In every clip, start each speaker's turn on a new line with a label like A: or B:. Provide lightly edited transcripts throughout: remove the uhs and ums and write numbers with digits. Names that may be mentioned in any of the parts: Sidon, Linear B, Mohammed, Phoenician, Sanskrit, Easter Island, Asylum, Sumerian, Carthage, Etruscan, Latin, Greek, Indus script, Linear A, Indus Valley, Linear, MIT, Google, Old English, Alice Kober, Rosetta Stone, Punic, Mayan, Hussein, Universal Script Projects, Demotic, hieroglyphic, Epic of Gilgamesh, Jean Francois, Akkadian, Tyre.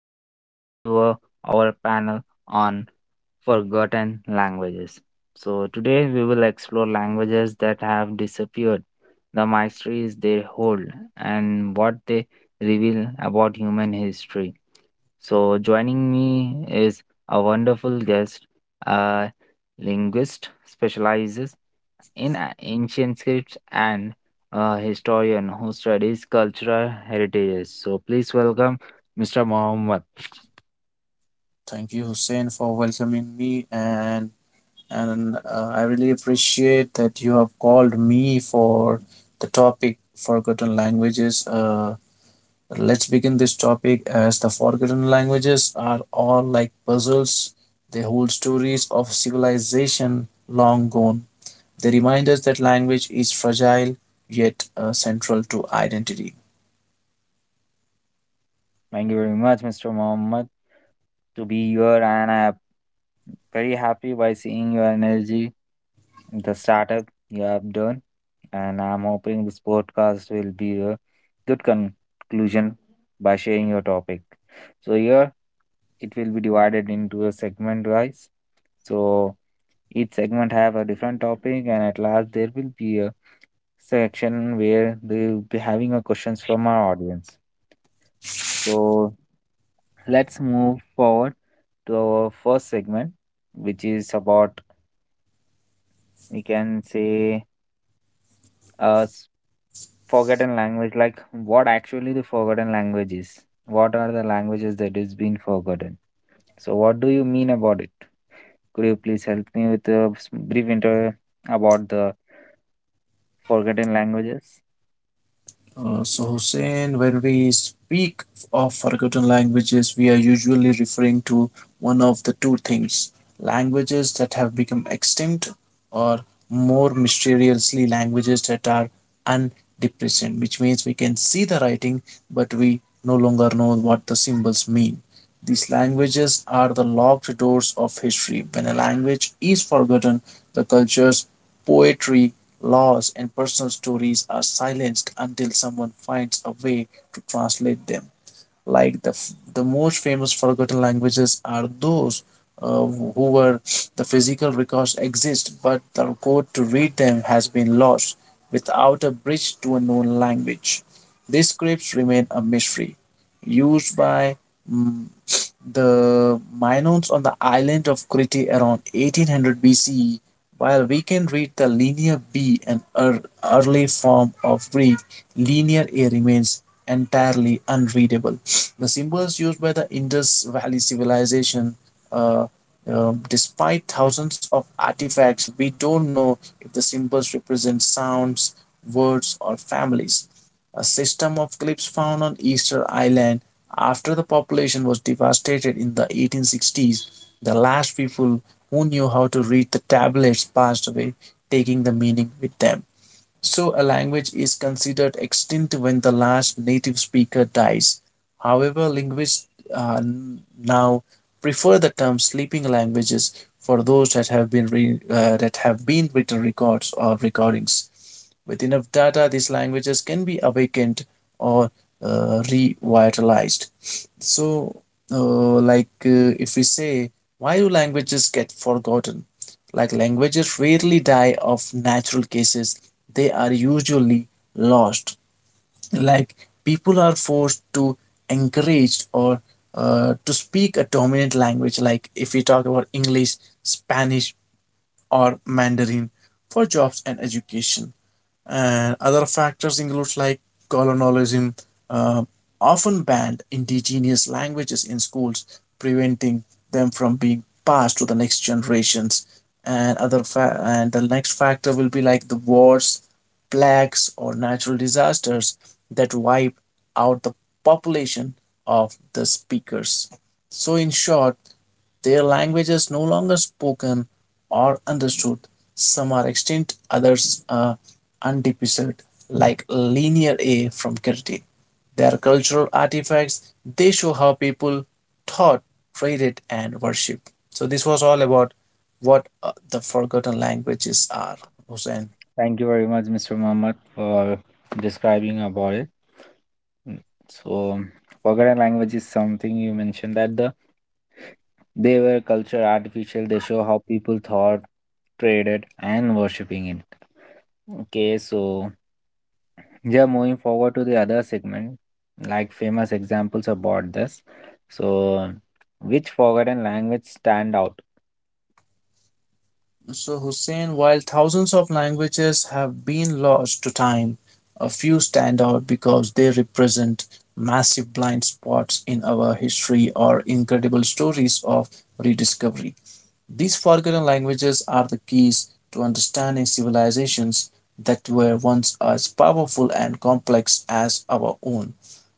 A: and welcome to our panel on forgotten languages. So, today we will explore languages that have disappeared, the mysteries they hold, and what they reveal about human history. So, joining me is a wonderful guest, a linguist specializes in ancient scripts and a historian who studies cultural heritages. So, please welcome Mr. Mohammed.
B: Thank you, Hussein, for welcoming me, and I really appreciate that you have called me for the topic forgotten languages. Let's begin this topic as the forgotten languages are all like puzzles. They hold stories of civilization long gone. They remind us that language is fragile yet central to identity.
A: Thank you very much, Mr. Mohammed, to be here, and I'm very happy by seeing your energy in the startup you have done. And I'm hoping this podcast will be a good conclusion by sharing your topic. So here it will be divided into a segment wise. So each segment have a different topic, and at last there will be a section where they will be having a questions from our audience. So let's move forward to our first segment, which is about we can say uh, s- forgotten language, like what actually the forgotten language is. What are the languages that is been forgotten? So, what do you mean about it? Could you please help me with a brief intro about the forgotten languages?
B: So, Hussein, when we speak of forgotten languages, we are usually referring to one of the two things: languages that have become extinct, or more mysteriously, languages that are undepressed, which means we can see the writing, but we no longer know what the symbols mean. These languages are the locked doors of history. When a language is forgotten, the cultures, poetry, laws, and personal stories are silenced until someone finds a way to translate them. The most famous forgotten languages are those who were the physical records exist, but the code to read them has been lost without a bridge to a known language. These scripts remain a mystery, used by mm, the Minoans on the island of Crete around 1800 BCE. While we can read the Linear B, early form of Greek, Linear A remains entirely unreadable. The symbols used by the Indus Valley civilization, uh, despite thousands of artifacts, we don't know if the symbols represent sounds, words, or families, a system of cliffs found on Easter Island after the population was devastated in the 1860s. The last people who knew how to read the tablets passed away, taking the meaning with them. So, a language is considered extinct when the last native speaker dies. However, linguists uh, now prefer the term sleeping languages for those that have been that have been written records or recordings. With enough data, these languages can be awakened or revitalized. So, uh, if we say, why do languages get forgotten? Like languages rarely die of natural cases, they are usually lost. Like people are forced to encouraged or to speak a dominant language, like if we talk about English, Spanish, or Mandarin for jobs and education, and other factors include like colonialism, uh, often banned indigenous languages in schools preventing them from being passed to the next generations, and and the next factor will be like the wars, plagues, or natural disasters that wipe out the population of the speakers. So in short, their language is no longer spoken or understood. Some are extinct, others are undefeated, like Linear A from Kirti. They are cultural artifacts. They show how people thought, traded, and worshipped. So this was all about what the forgotten languages are, Hussein.
A: Thank you very much, Mr. Mohammed, for describing about it. Mm, so, forgotten language is something you mentioned that the they were culture artificial. They show how people thought, traded, and worshipping it. Okay, so yeah, moving forward to the other segment, like famous examples about this. So, which forgotten language stand out?
B: So, Hussein, while thousands of languages have been lost to time, a few stand out because they represent massive blind spots in our history or incredible stories of rediscovery. These forgotten languages are the keys to understanding civilizations that were once as powerful and complex as our own.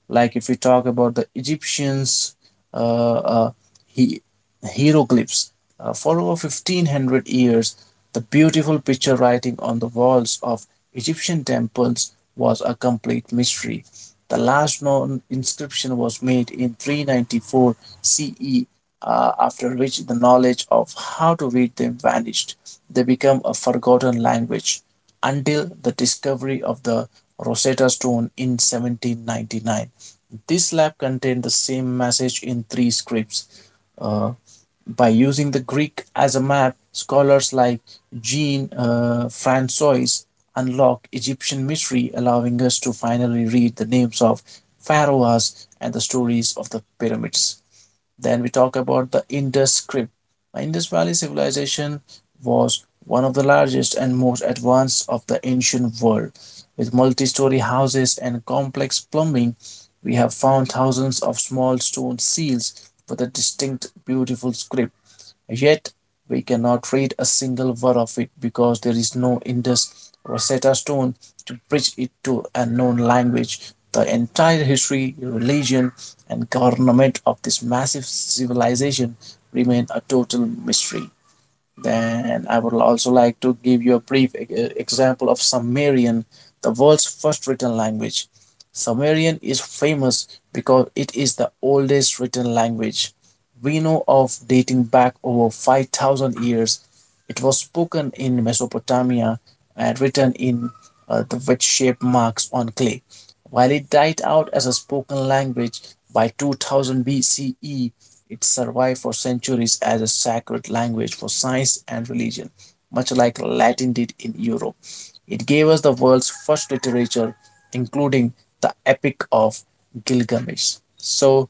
B: Like if we talk about the Egyptians, uh, uh, he- hieroglyphs, for over 1500 years, the beautiful picture writing on the walls of Egyptian temples was a complete mystery. The last known inscription was made in 394 CE, after which the knowledge of how to read them vanished. They became a forgotten language until the discovery of the Rosetta Stone in 1799. This slab contained the same message in three scripts. Uh, by using the Greek as a map, scholars like Jean Francois unlocked Egyptian mystery, allowing us to finally read the names of pharaohs and the stories of the pyramids. Then we talk about the Indus script. The Indus Valley civilization was one of the largest and most advanced of the ancient world. With multi story houses and complex plumbing, we have found thousands of small stone seals with a distinct, beautiful script. Yet we cannot read a single word of it because there is no Indus Rosetta Stone to bridge it to a known language. The entire history, religion, and government of this massive civilization remain a total mystery. Then I would also like to give you a brief example of Sumerian, the world's first written language. Sumerian is famous because it is the oldest written language we know of, dating back over 5,000 years. It was spoken in Mesopotamia and written in the wedge shaped marks on clay. While it died out as a spoken language by 2000 BCE, it survived for centuries as a sacred language for science and religion, much like Latin did in Europe. It gave us the world's first literature, including the Epic of Gilgamesh. So,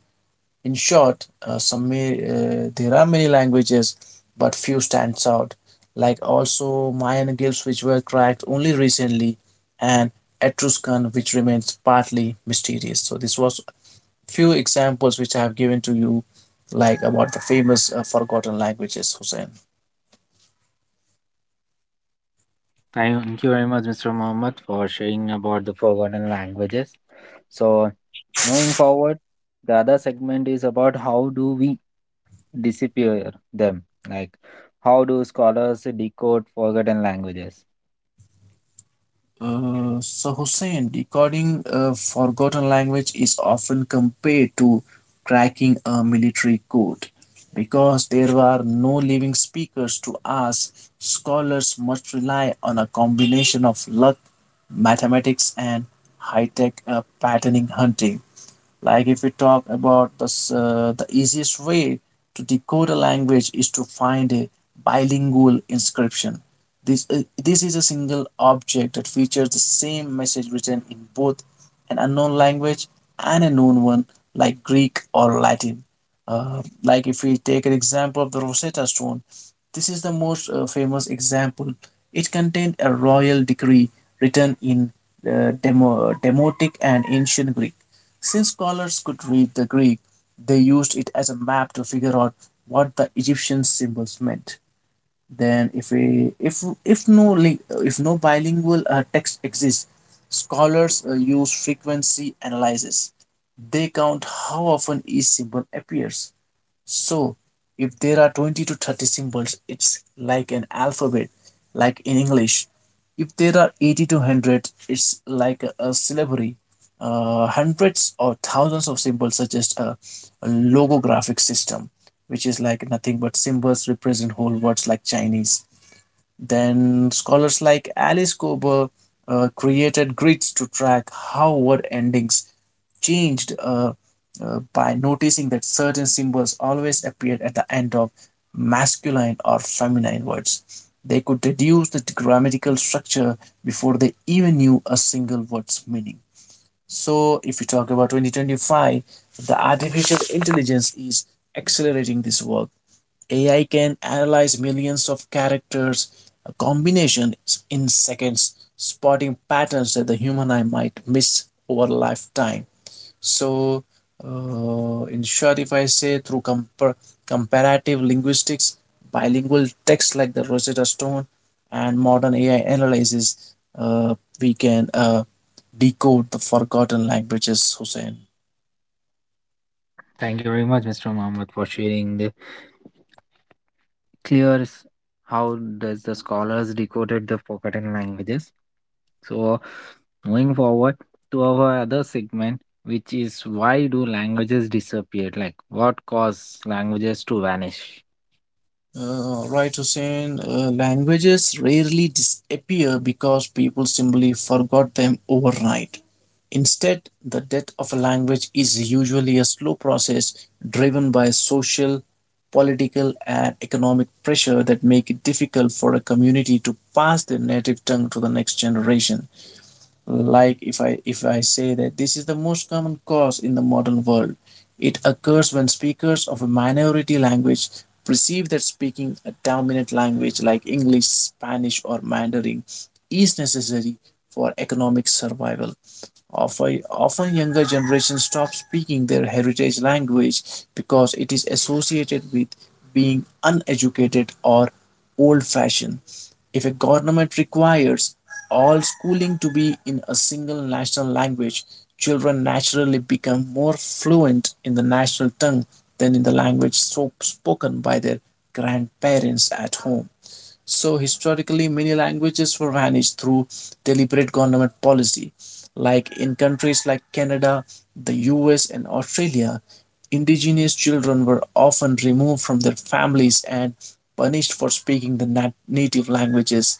B: in short, some there are many languages, but few stands out. Like also Mayan glyphs, which were cracked only recently, and Etruscan, which remains partly mysterious. So this was few examples which I have given to you, like about the famous forgotten languages, Hussein.
A: Thank you very much, Mr. Mohammed, for sharing about the forgotten languages. So moving forward, the other segment is about how do we disappear them? Like, how do scholars decode forgotten languages?
B: So, Hussein, decoding a forgotten language is often compared to cracking a military code because there are no living speakers to ask. Scholars must rely on a combination of luck, mathematics, and high tech patterning hunting. Like if we talk about this, the easiest way to decode a language is to find a bilingual inscription. This is a single object that features the same message written in both an unknown language and a known one like Greek or Latin. Like if we take an example of the Rosetta Stone, this is the most famous example. It contained a royal decree written in Demotic and Ancient Greek. Since scholars could read the Greek, they used it as a map to figure out what the Egyptian symbols meant. Then, if a, if if no li if no bilingual text exists, scholars use frequency analysis. They count how often each symbol appears. So, if there are 20 to 30 symbols, it's like an alphabet, like in English. If there are 80 to 100, it's like a syllabary. Hundreds or thousands of symbols suggest a logographic system, which is like nothing but symbols represent whole words like Chinese. Then scholars like Alice Kober created grids to track how word endings changed by noticing that certain symbols always appeared at the end of masculine or feminine words. They could deduce the grammatical structure before they even knew a single word's meaning. So, if we talk about 2025, the artificial intelligence is accelerating this work. AI can analyze millions of characters combinations in seconds, spotting patterns that the human eye might miss over a lifetime. So, in short, if I say through comparative linguistics, bilingual texts like the Rosetta Stone and modern AI analysis, we can decode the forgotten languages, Hussein.
A: Thank you very much, Mr. Mohammed, for sharing the clear how does the scholars decoded the forgotten languages. So, moving forward to our other segment, which is why do languages disappear? Like, what caused languages to vanish?
B: Right, Hussein. Languages rarely disappear because people simply forgot them overnight. Instead, the death of a language is usually a slow process driven by social, political, and economic pressure that make it difficult for a community to pass their native tongue to the next generation. Like if I say that this is the most common cause in the modern world, it occurs when speakers of a minority language perceive that speaking a dominant language like English, Spanish, or Mandarin is necessary for economic survival. Often younger generations stop speaking their heritage language because it is associated with being uneducated or old fashioned. If a government requires all schooling to be in a single national language, children naturally become more fluent in the national tongue than in the language so spoken by their grandparents at home. So historically, many languages were vanished through deliberate government policy. Like in countries like Canada, the US, and Australia, indigenous children were often removed from their families and punished for speaking the native languages.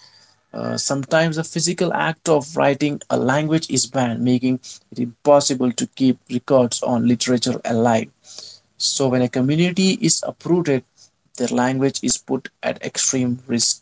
B: Sometimes the physical act of writing a language is banned, making it impossible to keep records on literature alive. So, when a community is uprooted, their language is put at extreme risk.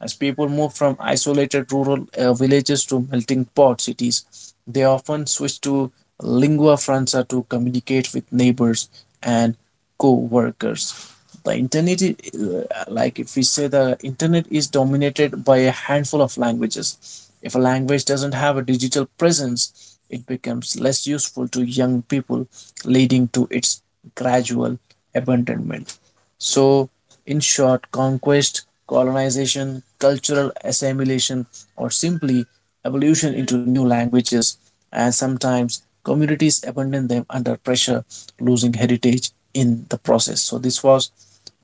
B: As people move from isolated rural villages to melting pot cities, they often switch to lingua franca to communicate with neighbors and co-workers. Like if we say the internet is dominated by a handful of languages. If a language doesn't have a digital presence, it becomes less useful to young people, leading to its gradual abandonment. So, in short, conquest, colonization, cultural assimilation, or simply evolution into new languages, and sometimes communities abandon them under pressure, losing heritage in the process. So, this was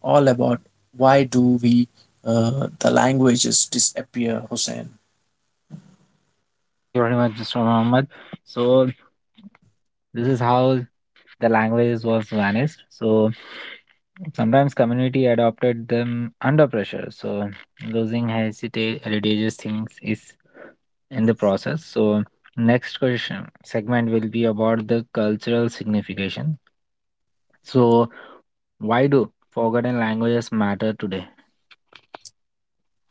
B: all about why do we the languages disappear, Hussein.
A: Thank you very much, Mr. Mohammed. So, this is how the language was vanished. So sometimes community adopted them under pressure. So losing hesitate religious things is in the process. So next question segment will be about the cultural signification. So why do forgotten languages matter today?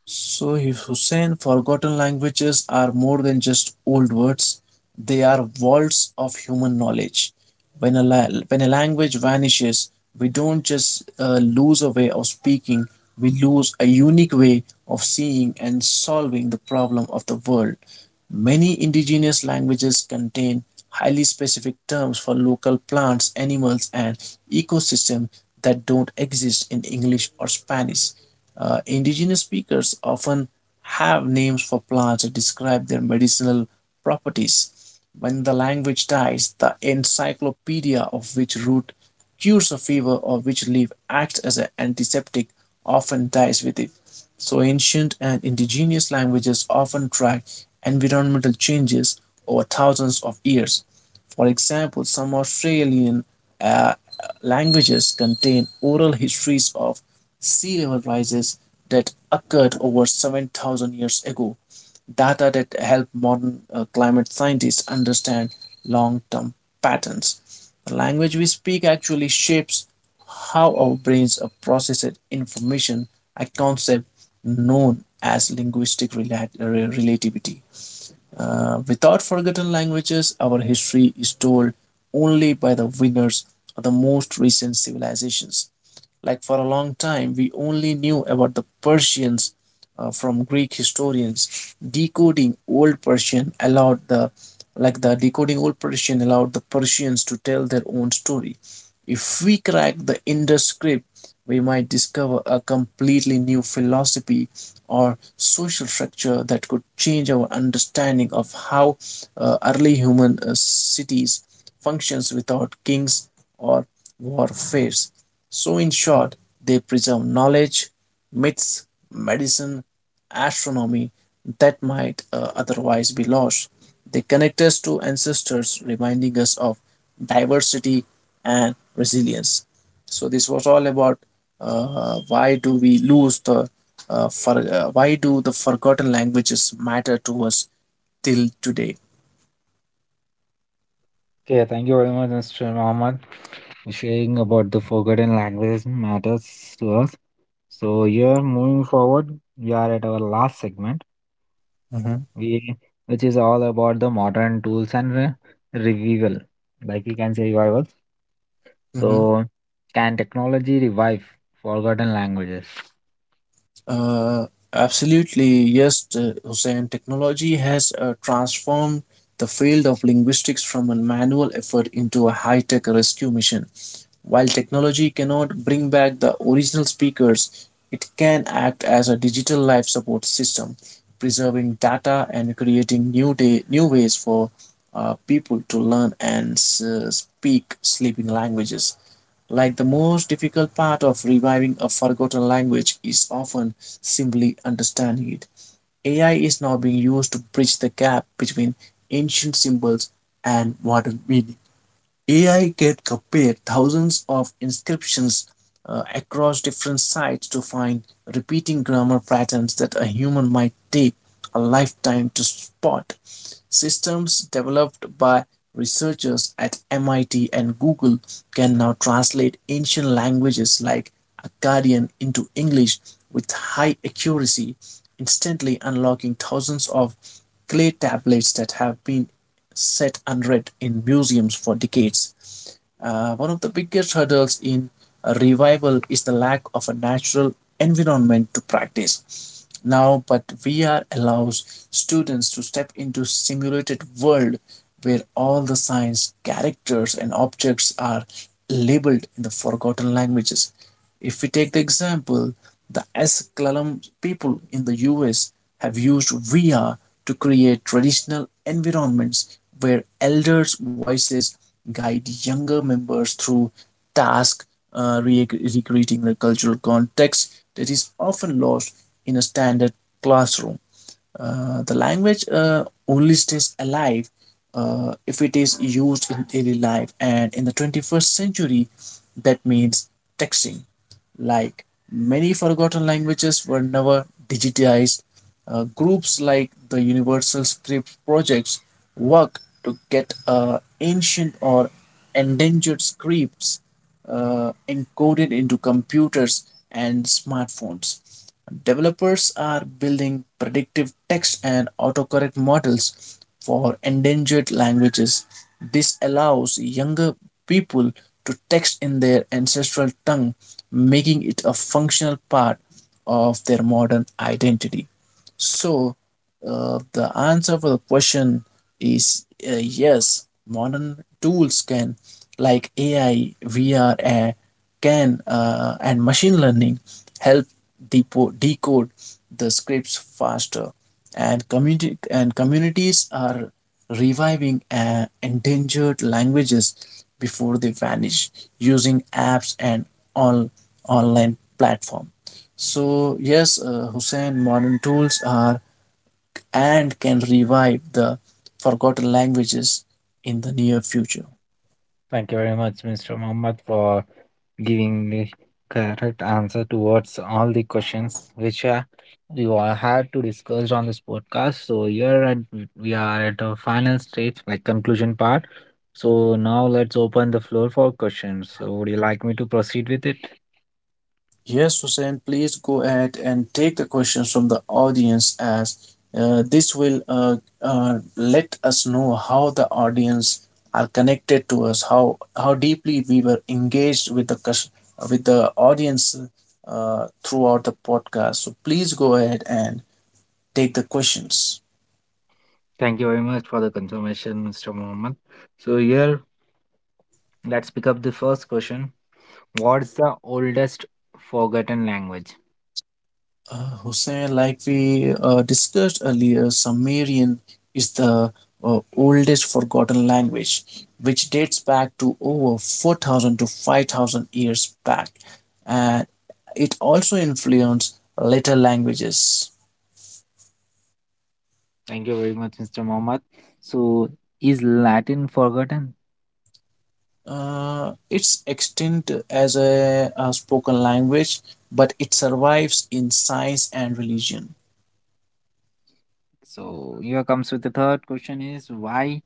B: So if Hussein, forgotten languages are more than just old words. They are vaults of human knowledge. When a language vanishes, we don't just lose a way of speaking, we lose a unique way of seeing and solving the problem of the world. Many indigenous languages contain highly specific terms for local plants, animals, and ecosystems that don't exist in English or Spanish. Indigenous speakers often have names for plants that describe their medicinal properties. When the language dies, the encyclopedia of which root cures a fever or which leaf acts as an antiseptic often dies with it. So ancient and indigenous languages often track environmental changes over thousands of years. For example, some Australian uh, languages contain oral histories of sea level rises that occurred over 7,000 years ago, data that help modern climate scientists understand long term patterns. The language we speak actually shapes how our brains are processing information, a concept known as linguistic relativity. Without forgotten languages, our history is told only by the winners of the most recent civilizations. Like for a long time, we only knew about the Persians from Greek historians. Decoding old Persian allowed the Like the decoding old Persian allowed the Persians to tell their own story. If we crack the Indus script, we might discover a completely new philosophy or social structure that could change our understanding of how early human cities functions without kings or warfares. So, in short, they preserve knowledge, myths, medicine, astronomy that might otherwise be lost. They connect us to ancestors, reminding us of diversity and resilience. So, this was all about uh, why do we lose the why do the forgotten languages matter to us till today?
A: Okay, thank you very much, Mr. Muhammad, for sharing about the forgotten languages matters to us. So here, moving forward, we are at our last segment
B: Hmm.
A: we which is all about the modern tools and revival, like you can say revivals. So can technology revive forgotten languages?
B: Uh, Absolutely, yes, Hussein. Technology has transformed the field of linguistics from a manual effort into a high tech rescue mission. While technology cannot bring back the original speakers, it can act as a digital life support system, preserving data and creating new ways for people to learn and speak sleeping languages. Like the most difficult part of reviving a forgotten language is often simply understanding it. AI is now being used to bridge the gap between ancient symbols and modern meaning. AI can compare thousands of inscriptions across different sites to find repeating grammar patterns that a human might take a lifetime to spot. Systems developed by researchers at MIT and Google can now translate ancient languages like Akkadian into English with high accuracy, instantly unlocking thousands of clay tablets that have been set unread in museums for decades. One of the biggest hurdles in a revival is the lack of a natural environment to practice. Now, but VR allows students to step into simulated world where all the signs, characters, and objects are labeled in the forgotten languages. If we take the example, the Asylum people in the US have used VR to create traditional environments where elders' voices guide younger members through tasks uh, re- recreating the cultural context that is often lost in a standard classroom. The language only stays alive if it is used in daily life, and in the 21st century, that means texting. Like many forgotten languages were never digitized, groups like the Universal Script Projects work to get ancient or endangered scripts encoded into computers and smartphones. Developers are building predictive text and autocorrect models for endangered languages. This allows younger people to text in their ancestral tongue, making it a functional part of their modern identity. So, the answer for the question is yes. Modern tools can, like AI, VR, can and machine learning, help decode the scripts faster. And community and communities are reviving endangered languages before they vanish using apps and all online platform. So yes, Hussein, modern tools are and can revive the forgotten languages in the near future.
A: Thank you very much, Mr. Mohammed, for giving the correct answer towards all the questions which we all had to discuss on this podcast. So here at, we are at the final stage, like conclusion part. So now let's open the floor for questions. So would you like me to proceed with it?
B: Yes, Hussein, please go ahead and take the questions from the audience as this will let us know how the audience are connected to us, how deeply we were engaged with the audience throughout the podcast. So please go ahead and take the questions.
A: Thank you very much for the confirmation, Mr. Mohammed. So, here, let's pick up the first question. What's the oldest forgotten language?
B: Hussein, like we discussed earlier, Sumerian is the oldest forgotten language, which dates back to over 4,000 to 5,000 years back, and it also influenced later languages.
A: Thank you very much, Mr. Mohammed. So, is Latin forgotten?
B: It's extinct as a spoken language, but it survives in science and religion.
A: So, here comes with the third question is why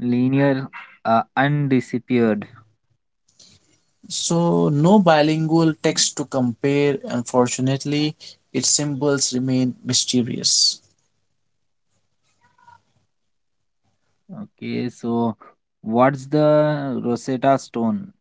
A: linear undisappeared?
B: So, no bilingual text to compare. Unfortunately, its symbols remain mysterious.
A: Okay, so what's the Rosetta Stone?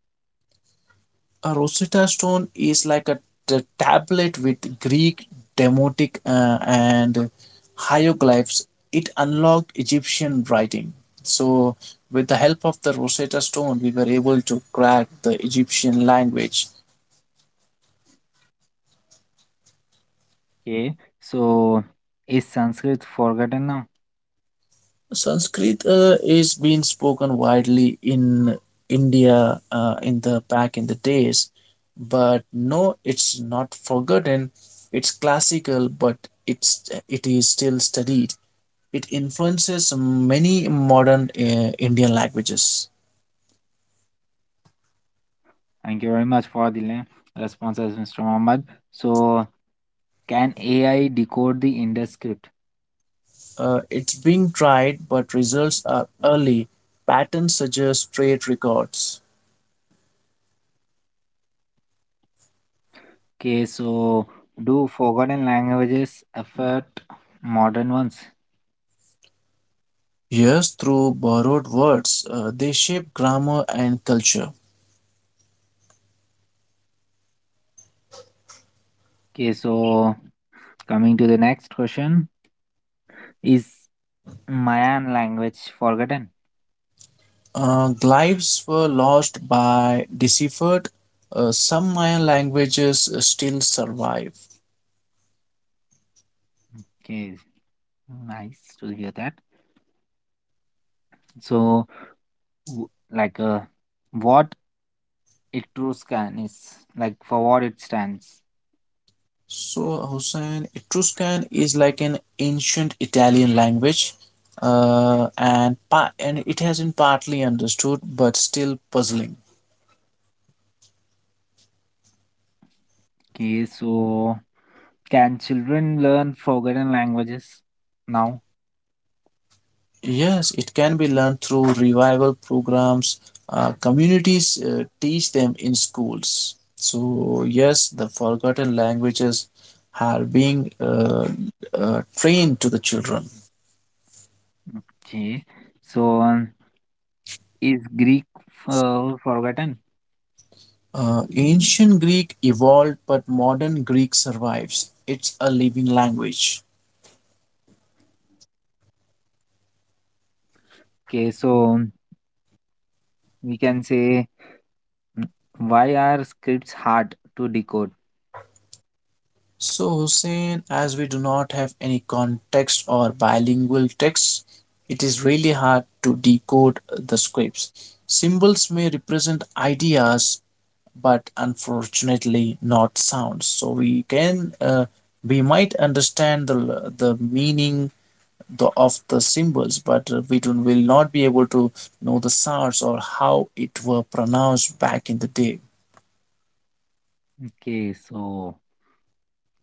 B: A Rosetta Stone is like a tablet with Greek, Demotic, and hieroglyphs. It unlocked Egyptian writing. So, with the help of the Rosetta Stone, we were able to crack the Egyptian language.
A: Okay, so is Sanskrit forgotten now?
B: Sanskrit is being spoken widely in India in the back in the days, but no, it's not forgotten. It's classical, but it is still studied. It influences many modern Indian languages.
A: Thank you very much for the responses, Mr. Mohammed. So can AI decode the Indus script?
B: It's being tried, but results are early. Patterns suggest trade records.
A: Okay, so do forgotten languages affect modern ones?
B: Yes, through borrowed words, they shape grammar and culture.
A: Okay, so coming to the next question. Is Mayan language forgotten?
B: Glyphs were lost by deciphered. Some Mayan languages still survive.
A: Okay, nice to hear that. So, w- like, uh, what Etruscan is, like, for what it stands?
B: So, Hussein, Etruscan is like an ancient Italian language, and it has been partly understood but still puzzling.
A: Okay, so can children learn forgotten languages now?
B: Yes, it can be learned through revival programs. Communities teach them in schools. So, yes, the forgotten languages are being trained to the children.
A: Okay, so is Greek forgotten?
B: Ancient Greek evolved, but modern Greek survives. It's a living language.
A: Okay, so we can say, mm, why are scripts hard to decode?
B: So, Hussein, as we do not have any context or bilingual text, it is really hard to decode the scripts. Symbols may represent ideas, but unfortunately not sounds. So we might understand the meaning of the symbols, but we do, not will not be able to know the sounds or how it were pronounced back in the day.
A: Okay, so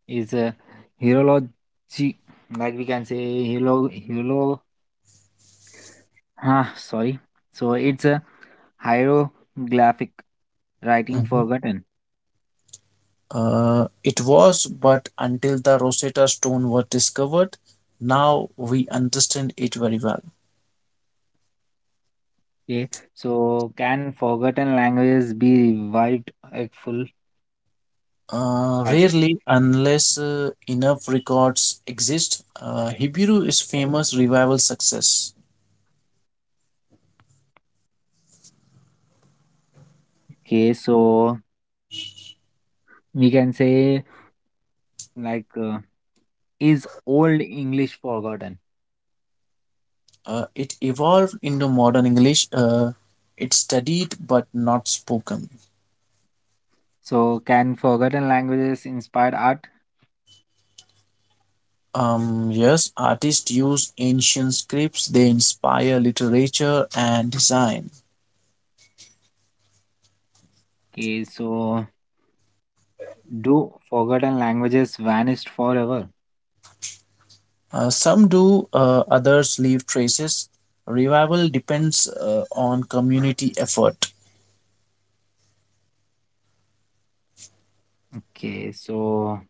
A: is a hierology, like we can say, sorry. So it's a hieroglyphic writing forgotten.
B: It was, but until the Rosetta Stone was discovered, now we understand it very well.
A: Okay, so can forgotten languages be revived at full, like.
B: Rarely, unless enough records exist, Hebrew is famous revival success.
A: Okay, so we can say like uh, is old English forgotten?
B: It evolved into modern English. It's studied but not spoken.
A: So, can forgotten languages inspire art?
B: Yes, artists use ancient scripts. They inspire literature and design.
A: Okay, so do forgotten languages vanished forever?
B: Some do, others leave traces. Revival depends on community effort.
A: Okay, so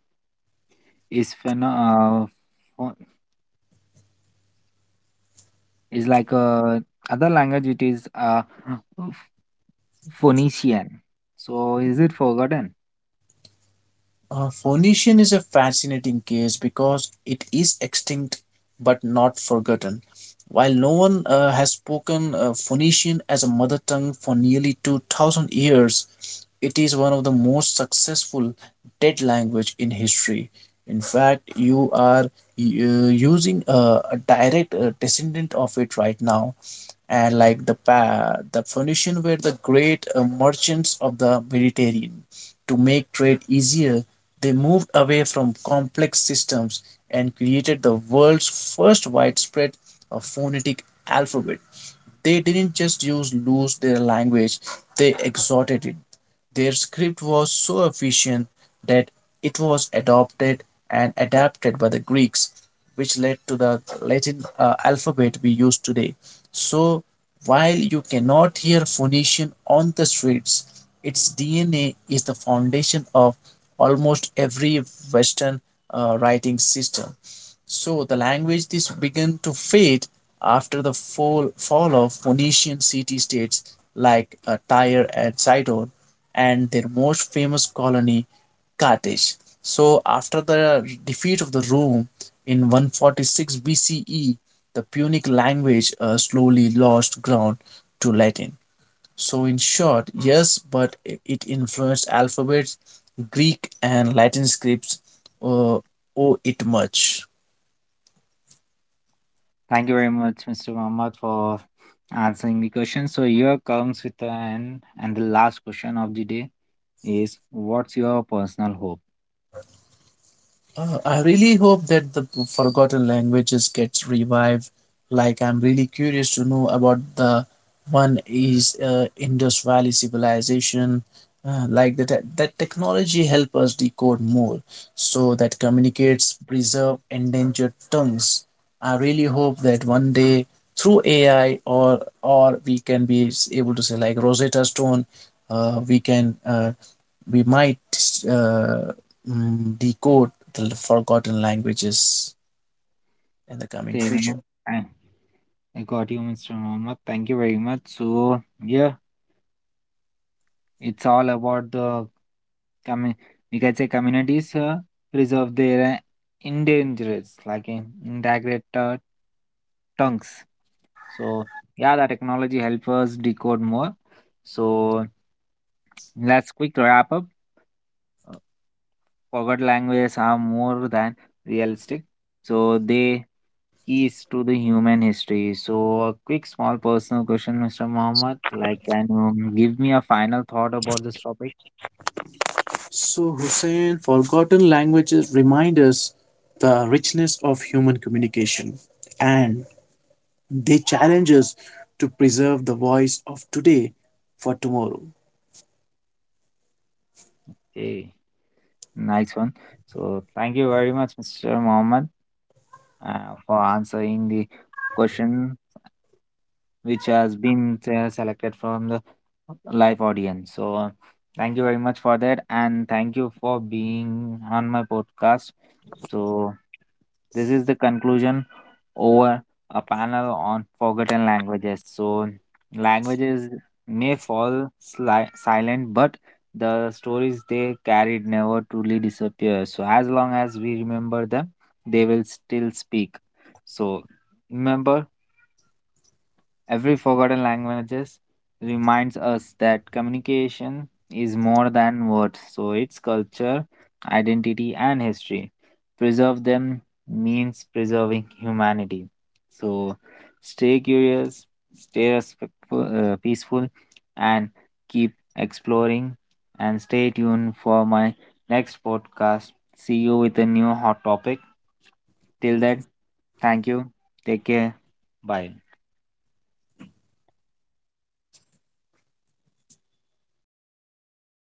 A: is pho- is like a other language, it is Ph- Phoenician. So is it forgotten?
B: Phoenician is a fascinating case because it is extinct but not forgotten. While no one has spoken Phoenician as a mother tongue for nearly 2,000 years, it is one of the most successful dead language in history. In fact, you are using a direct descendant of it right now and like the Phoenician were the great merchants of the Mediterranean. To make trade easier, they moved away from complex systems and created the world's first widespread of phonetic alphabet. They didn't just use lose their language, they exhorted it. Their script was so efficient that it was adopted and adapted by the Greeks, which led to the Latin alphabet we use today. So, while you cannot hear Phoenician on the streets, its DNA is the foundation of almost every Western writing system. So the language this began to fade after the fall of Phoenician city states like Tyre and Sidon and their most famous colony, Carthage. So, after the defeat of the Rome in 146 BCE, the Punic language slowly lost ground to Latin. So, in short, yes, but it influenced alphabets, Greek, and Latin scripts uh, owe it much.
A: Thank you very much, Mr. Muhammad, for answering the question. So here comes with an and the last question of the day is what's your personal hope?
B: I really hope that the forgotten languages gets revived. Like I'm really curious to know about the one is Indus Valley civilization. Like that technology help us decode more, so that communicates preserve endangered tongues. I really hope that one day through AI or we can be able to say like Rosetta Stone, uh, we can uh, we might uh, decode the forgotten languages in the coming
A: Okay,
B: future.
A: then, uh, I got you, Mr. Mohammed. Thank you very much. So, yeah, it's all about the commu- we can say communities preserve their endangered, like in integrate tongues. So, yeah, the technology help us decode more. So, let's quick wrap up. Forgot languages are more than realistic, so they keys to the human history. So, a quick, small personal question, Mr. Mohammed. Like, can you give me a final thought about this topic?
B: So, Hussein, forgotten languages remind us the richness of human communication and they challenge us to preserve the voice of today for tomorrow.
A: Hey, nice one. So, thank you very much, Mr. Mohammed, for answering the question which has been selected from the live audience. So, thank you very much for that, and thank you for being on my podcast. So, this is the conclusion over a panel on forgotten languages. So, languages may fall silent, but the stories they carried never truly disappear. So, as long as we remember them, they will still speak. So, remember, every forgotten languages reminds us that communication is more than words, so it's culture, identity, and history. Preserve them means preserving humanity. So stay curious, stay respectful, peaceful, and keep exploring. And stay tuned for my next podcast. See you with a new hot topic. Till then, thank you. Take care. Bye.